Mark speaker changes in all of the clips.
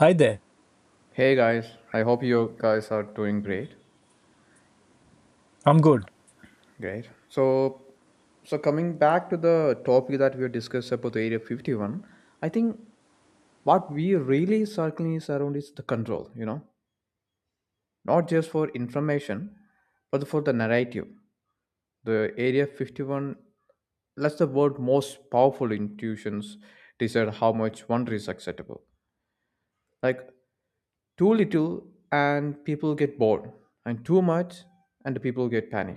Speaker 1: Hi there.
Speaker 2: Hey guys, I hope you guys are doing great.
Speaker 1: I'm good.
Speaker 2: Great. So coming back to the topic that we discussed about the Area 51, I think what we really circling is around is the control. You know, not just for information, but for the narrative. The Area 51 lets the world most powerful intuitions decide how much wonder is acceptable. Like too little and people get bored, and too much and the people get panic.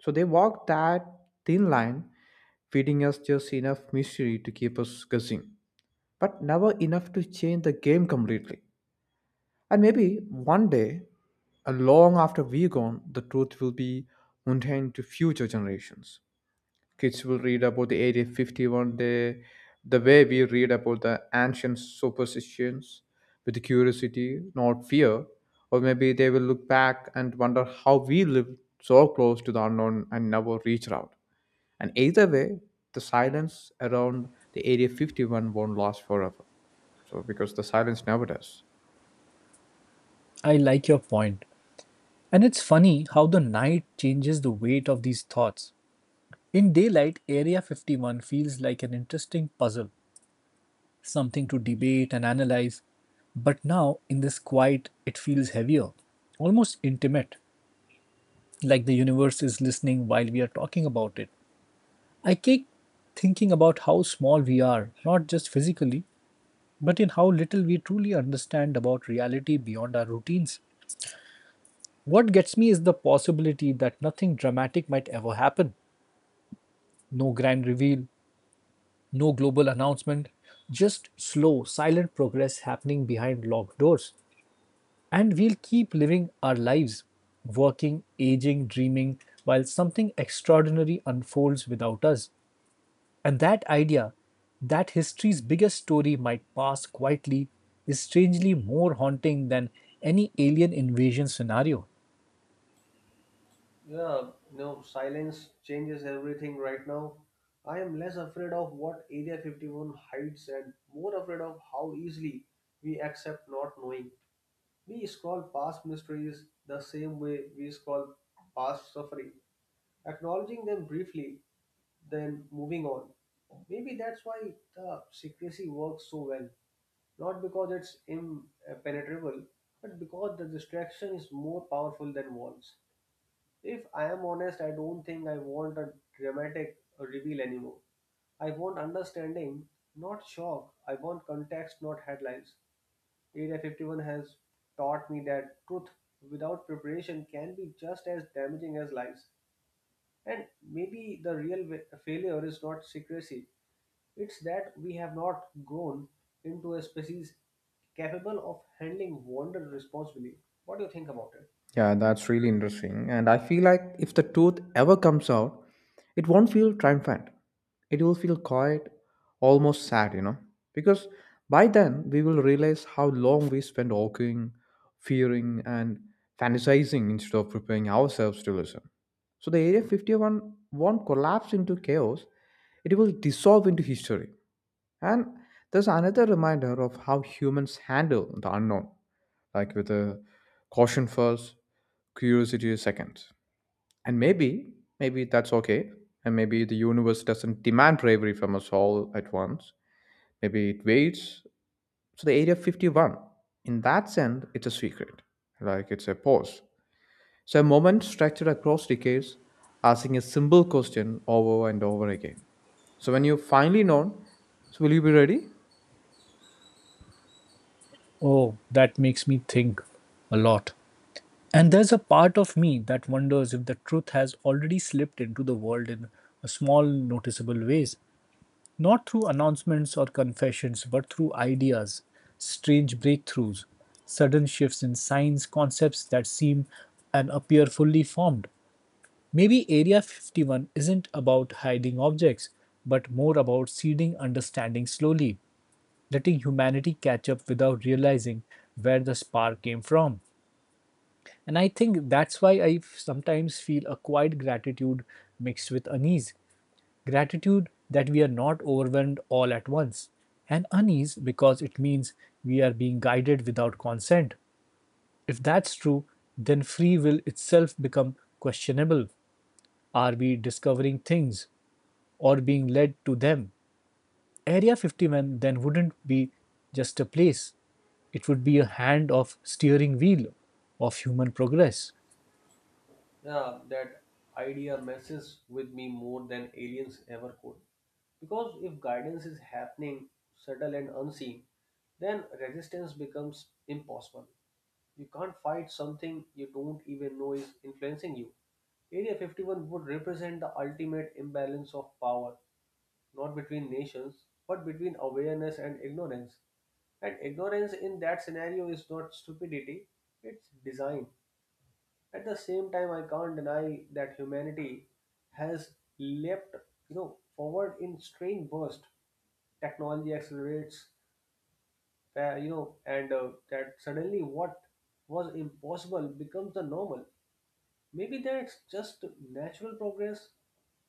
Speaker 2: So they walk that thin line, feeding us just enough mystery to keep us guessing, but never enough to change the game completely. And maybe one day, and long after we're gone, the truth will be mundane to future generations. Kids will read about the area 51 the way we read about the ancient superstitions with curiosity, not fear. Or maybe they will look back and wonder how we lived so close to the unknown and never reached out. And either way, the silence around the area 51 won't last forever, so because the silence never does.
Speaker 1: I like your point. And it's funny how the night changes the weight of these thoughts. In daylight, Area 51 feels like an interesting puzzle, something to debate and analyze. But now, in this quiet, it feels heavier, almost intimate, like the universe is listening while we are talking about it. I keep thinking about how small we are, not just physically, but in how little we truly understand about reality beyond our routines. What gets me is the possibility that nothing dramatic might ever happen. No grand reveal, no global announcement, just slow, silent progress happening behind locked doors. And we'll keep living our lives, working, aging, dreaming, while something extraordinary unfolds without us. And that idea, that history's biggest story might pass quietly, is strangely more haunting than any alien invasion scenario.
Speaker 3: Yeah, Silence changes everything right now. I am less afraid of what Area 51 hides and more afraid of how easily we accept not knowing. We scroll past mysteries the same way we scroll past suffering, acknowledging them briefly, then moving on. Maybe that's why the secrecy works so well, not because it's impenetrable, but because the distraction is more powerful than walls. If I am honest, I don't think I want a dramatic reveal anymore. I want understanding, not shock. I want context, not headlines. Area 51 has taught me that truth without preparation can be just as damaging as lies. And maybe the real failure is not secrecy, it's that we have not grown into a species capable of handling wonder responsibly. What do you think about it?
Speaker 2: Yeah, that's really interesting. And I feel like if the truth ever comes out, it won't feel triumphant. It will feel quiet, almost sad, you know. Because by then, we will realize how long we spent arguing, fearing, and fantasizing instead of preparing ourselves to listen. So the Area 51 won't collapse into chaos, it will dissolve into history. And there's another reminder of how humans handle the unknown, like with a caution first, curiosity second. And maybe that's okay. And maybe the universe doesn't demand bravery from us all at once. Maybe it waits. So the Area 51, in that sense, it's a secret. Like it's a pause. So a moment stretched across decades, asking a simple question over and over again. So when you finally know, so will you be ready?
Speaker 1: Oh, that makes me think a lot. And there's a part of me that wonders if the truth has already slipped into the world in a small, noticeable ways, not through announcements or confessions, but through ideas, strange breakthroughs, sudden shifts in signs, concepts that seem and appear fully formed. Maybe Area 51 isn't about hiding objects, but more about seeding understanding slowly, letting humanity catch up without realizing where the spark came from. And I think that's why I sometimes feel a quiet gratitude mixed with unease. Gratitude that we are not overwhelmed all at once, and unease because it means we are being guided without consent. If that's true, then free will itself become questionable. Are we discovering things or being led to them? Area 51 then wouldn't be just a place. It would be a hand of steering wheel of human progress.
Speaker 3: Yeah, that idea messes with me more than aliens ever could. Because if guidance is happening, subtle and unseen, then resistance becomes impossible. You can't fight something you don't even know is influencing you. Area 51 would represent the ultimate imbalance of power, not between nations, but between awareness and ignorance. And ignorance in that scenario is not stupidity, it's design. At the same time, I can't deny that humanity has leapt, forward in strange burst. Technology accelerates, you know, and that suddenly what was impossible becomes the normal. Maybe that's just natural progress,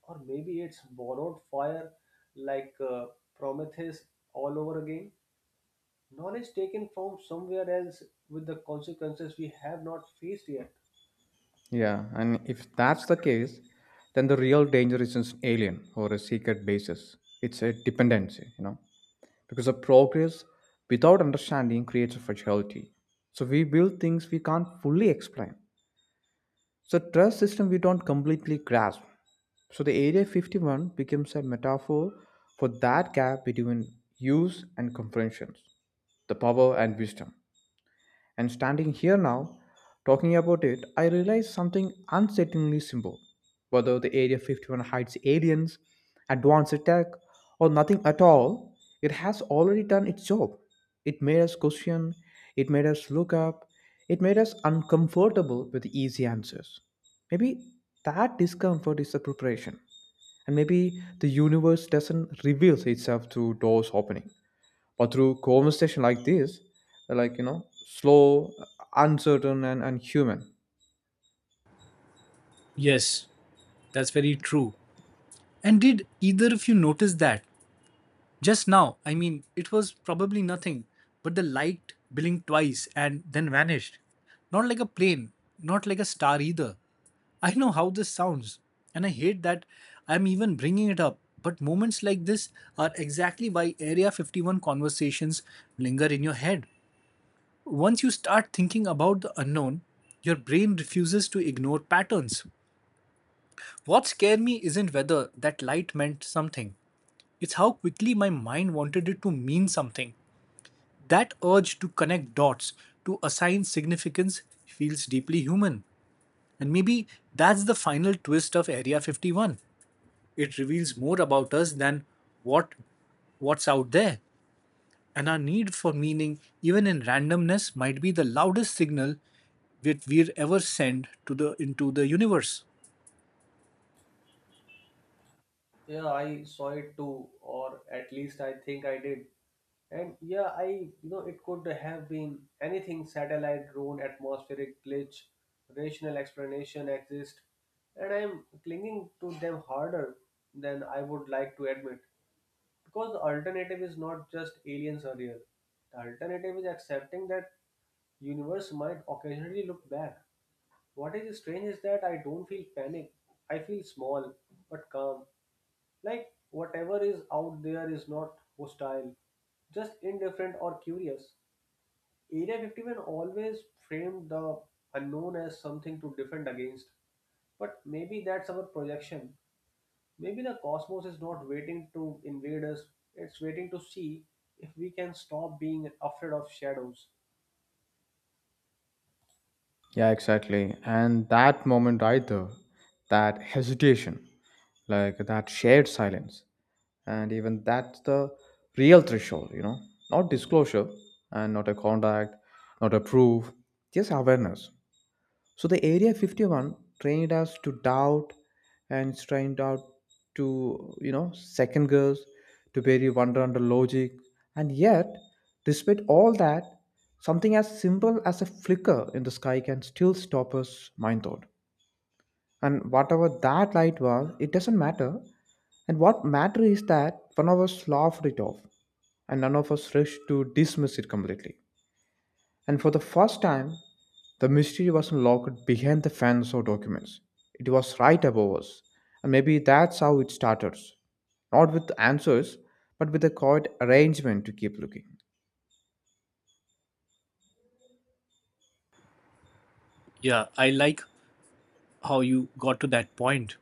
Speaker 3: or maybe it's borrowed fire, like Prometheus all over again. Knowledge taken from somewhere else with the consequences we have not faced yet.
Speaker 2: Yeah, and if that's the case, then the real danger isn't alien or a secret basis. It's a dependency, you know, because the progress without understanding creates a fragility. So we build things we can't fully explain. So trust system we don't completely grasp. So the Area 51 becomes a metaphor for that gap between use and comprehensions, the power and wisdom. And standing here now, talking about it, I realize something unsettlingly simple. Whether the Area 51 hides aliens, advanced tech, or nothing at all, it has already done its job. It made us question, it made us look up, it made us uncomfortable with easy answers. Maybe that discomfort is the preparation, and maybe the universe doesn't reveal itself through doors opening but through conversation like this, like you know, slow, uncertain, and human.
Speaker 1: Yes, that's very true. And did either of you notice that? Just now, I mean, it was probably nothing, but the light blinked twice and then vanished. Not like a plane, not like a star either. I know how this sounds, and I hate that I'm even bringing it up, but moments like this are exactly why Area 51 conversations linger in your head. Once you start thinking about the unknown, your brain refuses to ignore patterns. What scared me isn't whether that light meant something, it's how quickly my mind wanted it to mean something. That urge to connect dots, to assign significance, feels deeply human. And maybe that's the final twist of Area 51. It reveals more about us than what what's out there. And our need for meaning, even in randomness, might be the loudest signal that we're ever sent to the into the universe.
Speaker 3: Yeah, I saw it too, or at least I think I did. And yeah, I, you know, it could have been anything, satellite, drone, atmospheric glitch, rational explanation exist. And I'm clinging to them harder than I would like to admit. Because the alternative is not just aliens are real, the alternative is accepting that universe might occasionally look back. What is strange is that I don't feel panic. I feel small but calm. Like whatever is out there is not hostile, just indifferent or curious. Area 51 always framed the unknown as something to defend against. But maybe that's our projection. Maybe the cosmos is not waiting to invade us, it's waiting to see if we can stop being afraid of shadows.
Speaker 2: Yeah, exactly. And that moment right there, that hesitation, like that shared silence, and even that's the real threshold, you know. Not disclosure, and not a contact, not a proof, just awareness. So the Area 51 trained us to doubt and it's trained out to, you know, second guess, to bury wonder under logic. And yet, despite all that, something as simple as a flicker in the sky can still stop us, mind thought. And whatever that light was, it doesn't matter. And what matters is that one of us laughed it off and none of us rushed to dismiss it completely. And for the first time, the mystery wasn't locked behind the fans or documents. It was right above us. And maybe that's how it started. Not with answers, but with a quiet arrangement to keep looking.
Speaker 1: Yeah, I like how you got to that point.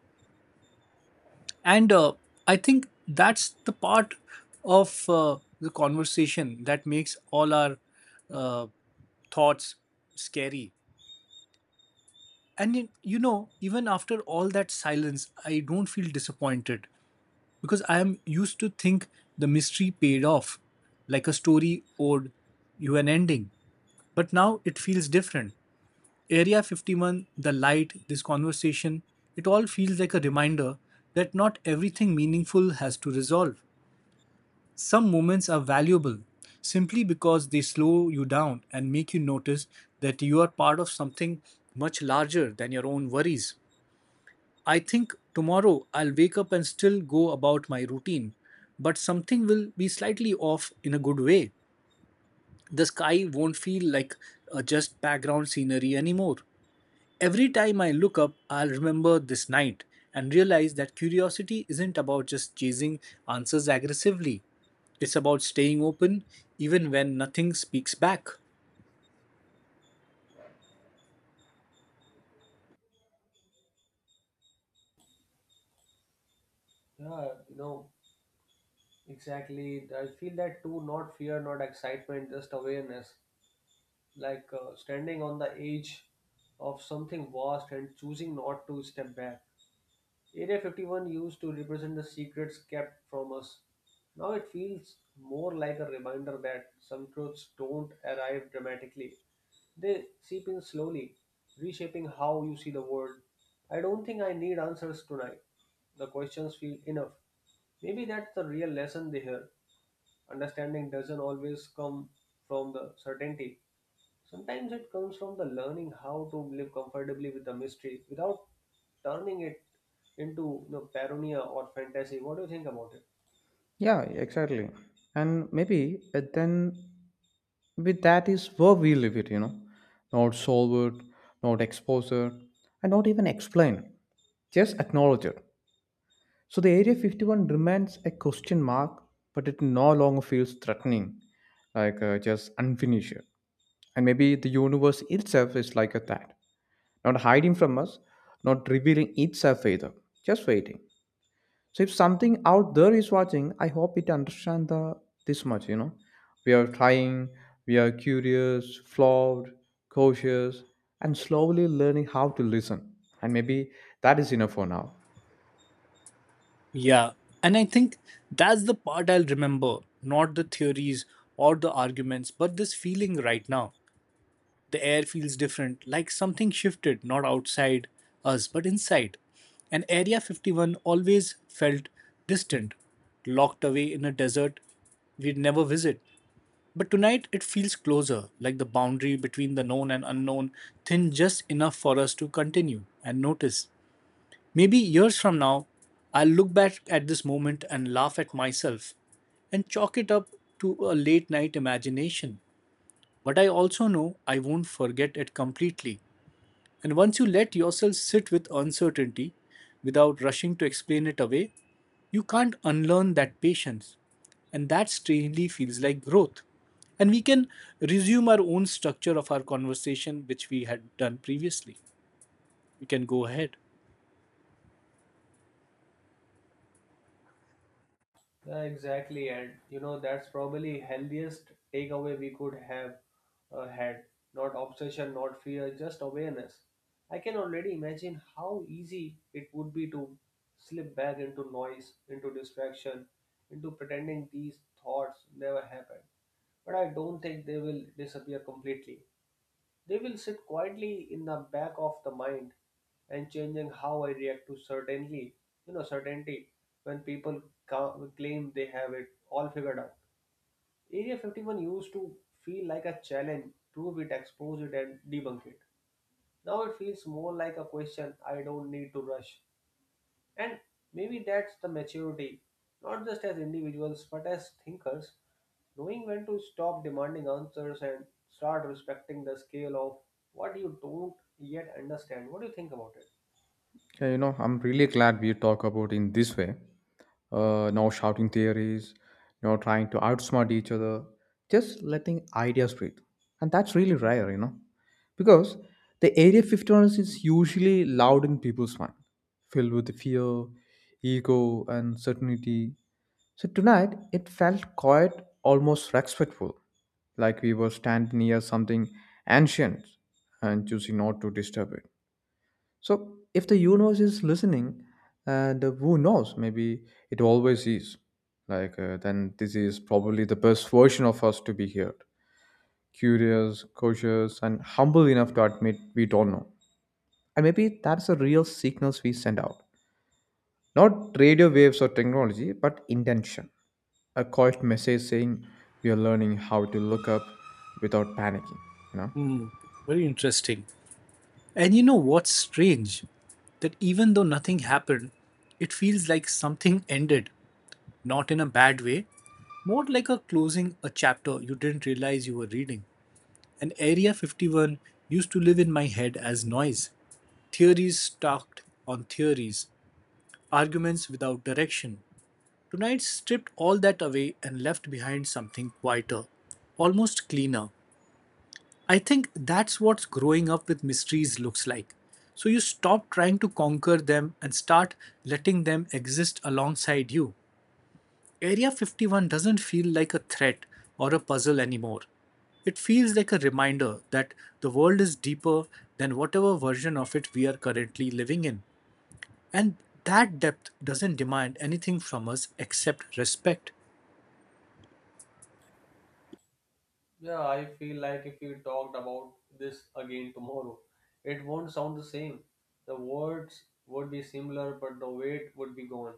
Speaker 1: And I think that's the part of the conversation that makes all our uh, thoughts scary. And y- you know, Even after all that silence, I don't feel disappointed because I am used to think the mystery paid off, like a story owed you an ending. But now it feels different. Area 51, the light, this conversation, it all feels like a reminder that not everything meaningful has to resolve. Some moments are valuable simply because they slow you down and make you notice that you are part of something much larger than your own worries. I think tomorrow I'll wake up and still go about my routine, but something will be slightly off in a good way. The sky won't feel like just background scenery anymore. Every time I look up, I'll remember this night and realize that curiosity isn't about just chasing answers aggressively. It's about staying open even when nothing speaks back.
Speaker 3: Yeah, you know, Exactly. I feel that too, not fear, not excitement, just awareness. Like standing on the edge of something vast and choosing not to step back. Area 51 used to represent the secrets kept from us. Now it feels more like a reminder that some truths don't arrive dramatically. They seep in slowly, reshaping how you see the world. I don't think I need answers tonight. The questions feel enough. Maybe that's the real lesson they hear, understanding doesn't always come from the certainty. Sometimes it comes from the learning how to live comfortably with the mystery without turning it into paranoia or fantasy. What do you think about it?
Speaker 2: Yeah, exactly. And maybe then with that is where we live it, you know. Not solve it, not expose it, and not even explain. Just acknowledge it. So the Area 51 remains a question mark, but it no longer feels threatening, like just unfinished. And maybe the universe itself is like a that, not hiding from us, not revealing itself either, just waiting. So if something out there is watching, I hope it understands the this much. You know, we are trying, we are curious, flawed, cautious, and slowly learning how to listen. And maybe that is enough for now.
Speaker 1: Yeah, and I think that's the part I'll remember, not the theories or the arguments, but this feeling right now. The air feels different, like something shifted, not outside us, but inside. And Area 51 always felt distant, locked away in a desert we'd never visit. But tonight it feels closer, like the boundary between the known and unknown thin just enough for us to continue and notice. Maybe years from now, I'll look back at this moment and laugh at myself and chalk it up to a late night imagination. But I also know I won't forget it completely. And once you let yourself sit with uncertainty without rushing to explain it away, you can't unlearn that patience. And that strangely feels like growth. And we can resume our own structure of our conversation, which we had done previously. We can go ahead.
Speaker 3: Yeah, exactly, and you know that's probably healthiest takeaway we could have had. Not obsession, not fear, just awareness. I can already imagine how easy it would be to slip back into noise, into distraction, into pretending these thoughts never happened. But I don't think they will disappear completely. They will sit quietly in the back of the mind and changing how I react to certainly, certainty when people claim they have it all figured out. Area 51 used to feel like a challenge, prove it, expose it, and debunk it. Now it feels more like a question I don't need to rush. And maybe that's the maturity, not just as individuals, but as thinkers. Knowing when to stop demanding answers and start respecting the scale of what you don't yet understand. What do you think about it?
Speaker 2: Yeah, you know, I'm really glad we talk about in this way. No shouting theories, no trying to outsmart each other, just letting ideas breathe. And that's really rare, you know, because the Area 51 is usually loud in people's mind, filled with fear, ego, and certainty. So tonight, it felt quiet, almost respectful, like we were standing near something ancient and choosing not to disturb it. So, if the universe is listening, and who knows, maybe it always is, like, then this is probably the best version of us to be here, curious, cautious, and humble enough to admit we don't know. And maybe that's the real signals we send out, not radio waves or technology, but intention, a quiet message saying we are learning how to look up without panicking, you know.
Speaker 1: Very interesting. And you know what's strange? That even though nothing happened, it feels like something ended, not in a bad way, more like a closing a chapter you didn't realize you were reading. And Area 51 used to live in my head as noise. Theories stacked on theories, arguments without direction. Tonight stripped all that away and left behind something quieter, almost cleaner. I think that's what growing up with mysteries looks like. So you stop trying to conquer them and start letting them exist alongside you. Area 51 doesn't feel like a threat or a puzzle anymore. It feels like a reminder that the world is deeper than whatever version of it we are currently living in. And that depth doesn't demand anything from us except respect.
Speaker 3: Yeah, I feel like if we talked about this again tomorrow, it won't sound the same. The words would be similar, but the weight would be gone.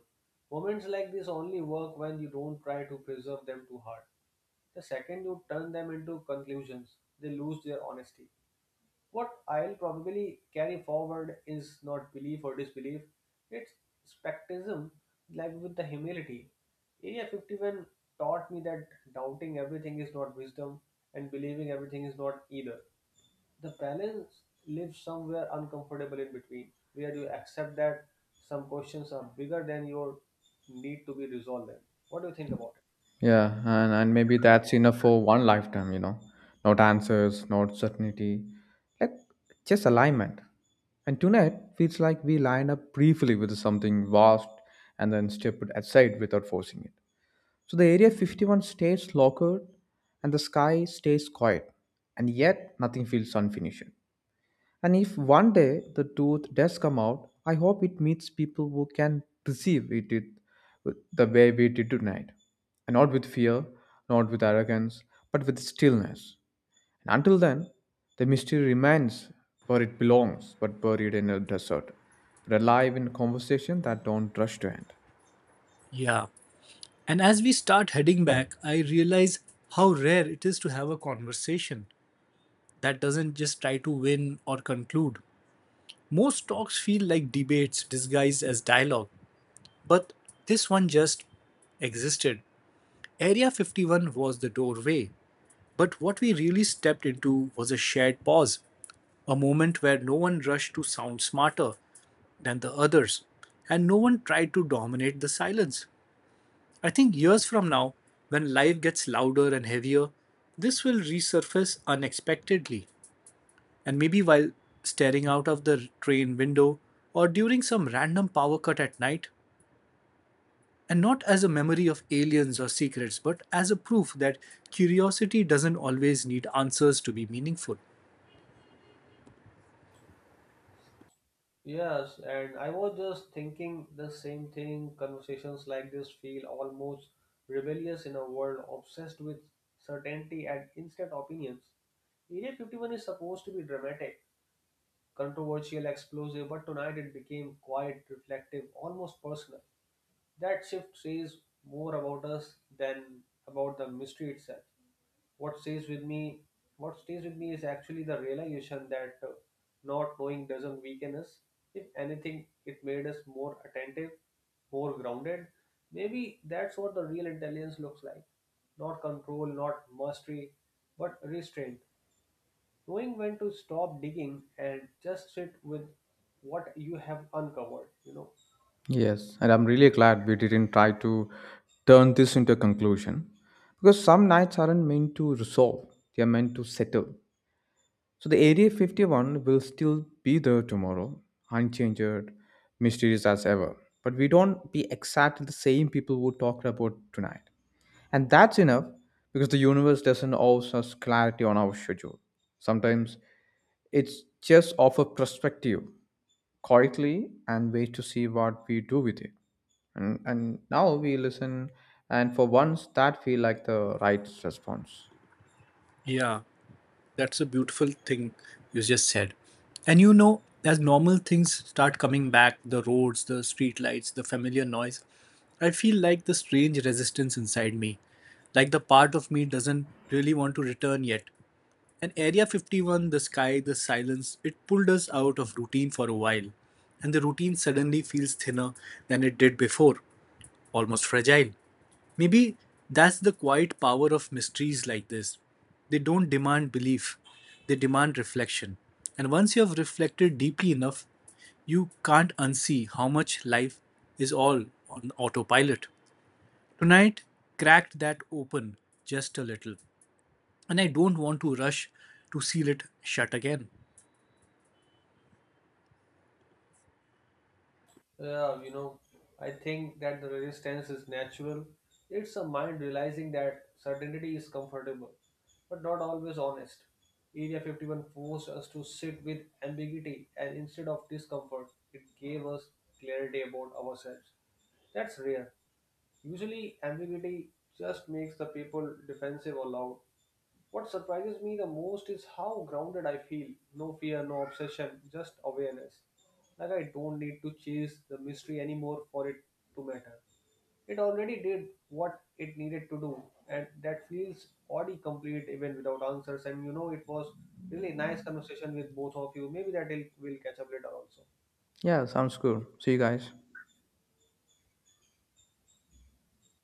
Speaker 3: Moments like this only work when you don't try to preserve them too hard. The second you turn them into conclusions, they lose their honesty. What I'll probably carry forward is not belief or disbelief, it's skepticism, like with the humility. Area 51 taught me that doubting everything is not wisdom and believing everything is not either. The balance lives somewhere uncomfortable in between, where you accept that some questions are bigger than your need to be resolved them. What do you think about?
Speaker 2: Yeah, and maybe that's enough for one lifetime, you know. Not answers, not certainty, like just alignment. And tonight feels like we lined up briefly with something vast and then stepped aside without forcing it. So the Area 51 stays locked and the sky stays quiet, and yet nothing feels unfinished. And if one day the truth does come out, I hope it meets people who can receive it with the way we did tonight. And not with fear, not with arrogance, but with stillness. And until then, the mystery remains where it belongs, but buried in a desert, but alive in conversation that don't rush to end.
Speaker 1: Yeah. And as we start heading back, I realize how rare it is to have a conversation that doesn't just try to win or conclude. Most talks feel like debates disguised as dialogue, but this one just existed. Area 51 was the doorway, but what we really stepped into was a shared pause, a moment where no one rushed to sound smarter than the others, and no one tried to dominate the silence. I think years from now, when life gets louder and heavier, this will resurface unexpectedly, and maybe while staring out of the train window or during some random power cut at night, and not as a memory of aliens or secrets, but as a proof that curiosity doesn't always need answers to be meaningful.
Speaker 3: Yes, and I was just thinking the same thing. Conversations like this feel almost rebellious in a world obsessed with certainty and instant opinions. Area 51 is supposed to be dramatic, controversial, explosive, but tonight it became quiet, reflective, almost personal. That shift says more about us than about the mystery itself. what stays with me what stays with me is actually the realization that not knowing doesn't weaken us. If anything, it made us more attentive, more grounded. Maybe that's what the real intelligence looks like, not control, not mastery, but restraint. Knowing when to stop digging and just sit with what you have uncovered.
Speaker 2: Yes, and I'm really glad we didn't try to turn this into a conclusion because some nights aren't meant to resolve, they are meant to settle. So the Area 51 will still be there tomorrow, unchanged, mysterious as ever. But we don't be exactly the same people who talked about tonight. And that's enough because the universe doesn't always us clarity on our schedule. Sometimes it's just offer perspective quietly and wait to see what we do with it. And now we listen and for once that feel like the right response.
Speaker 1: Yeah, that's a beautiful thing you just said. And you know, as normal things start coming back the roads, the streetlights, the familiar noise I feel like the strange resistance inside me. Like the part of me doesn't really want to return yet, and Area 51, the sky, the silence, it pulled us out of routine for a while. And the routine suddenly feels thinner than it did before, almost fragile. Maybe that's the quiet power of mysteries like this. They don't demand belief, they demand reflection. And once you have reflected deeply enough, you can't unsee how much life is all on autopilot. Tonight cracked that open just a little and I don't want to rush to seal it shut again.
Speaker 3: Yeah, you know, I think that the resistance is natural. It's a mind realizing that certainty is comfortable, but not always honest. Area 51 forced us to sit with ambiguity, and instead of discomfort, it gave us clarity about ourselves. That's rare. Usually, ambiguity just makes the people defensive or loud. What surprises me the most is how grounded I feel. No fear, no obsession, just awareness. Like I don't need to chase the mystery anymore for it to matter. It already did what it needed to do, and that feels already complete even without answers. And you know, it was really nice conversation with both of you. Maybe that will catch up later also.
Speaker 2: Yeah, sounds good. See you guys.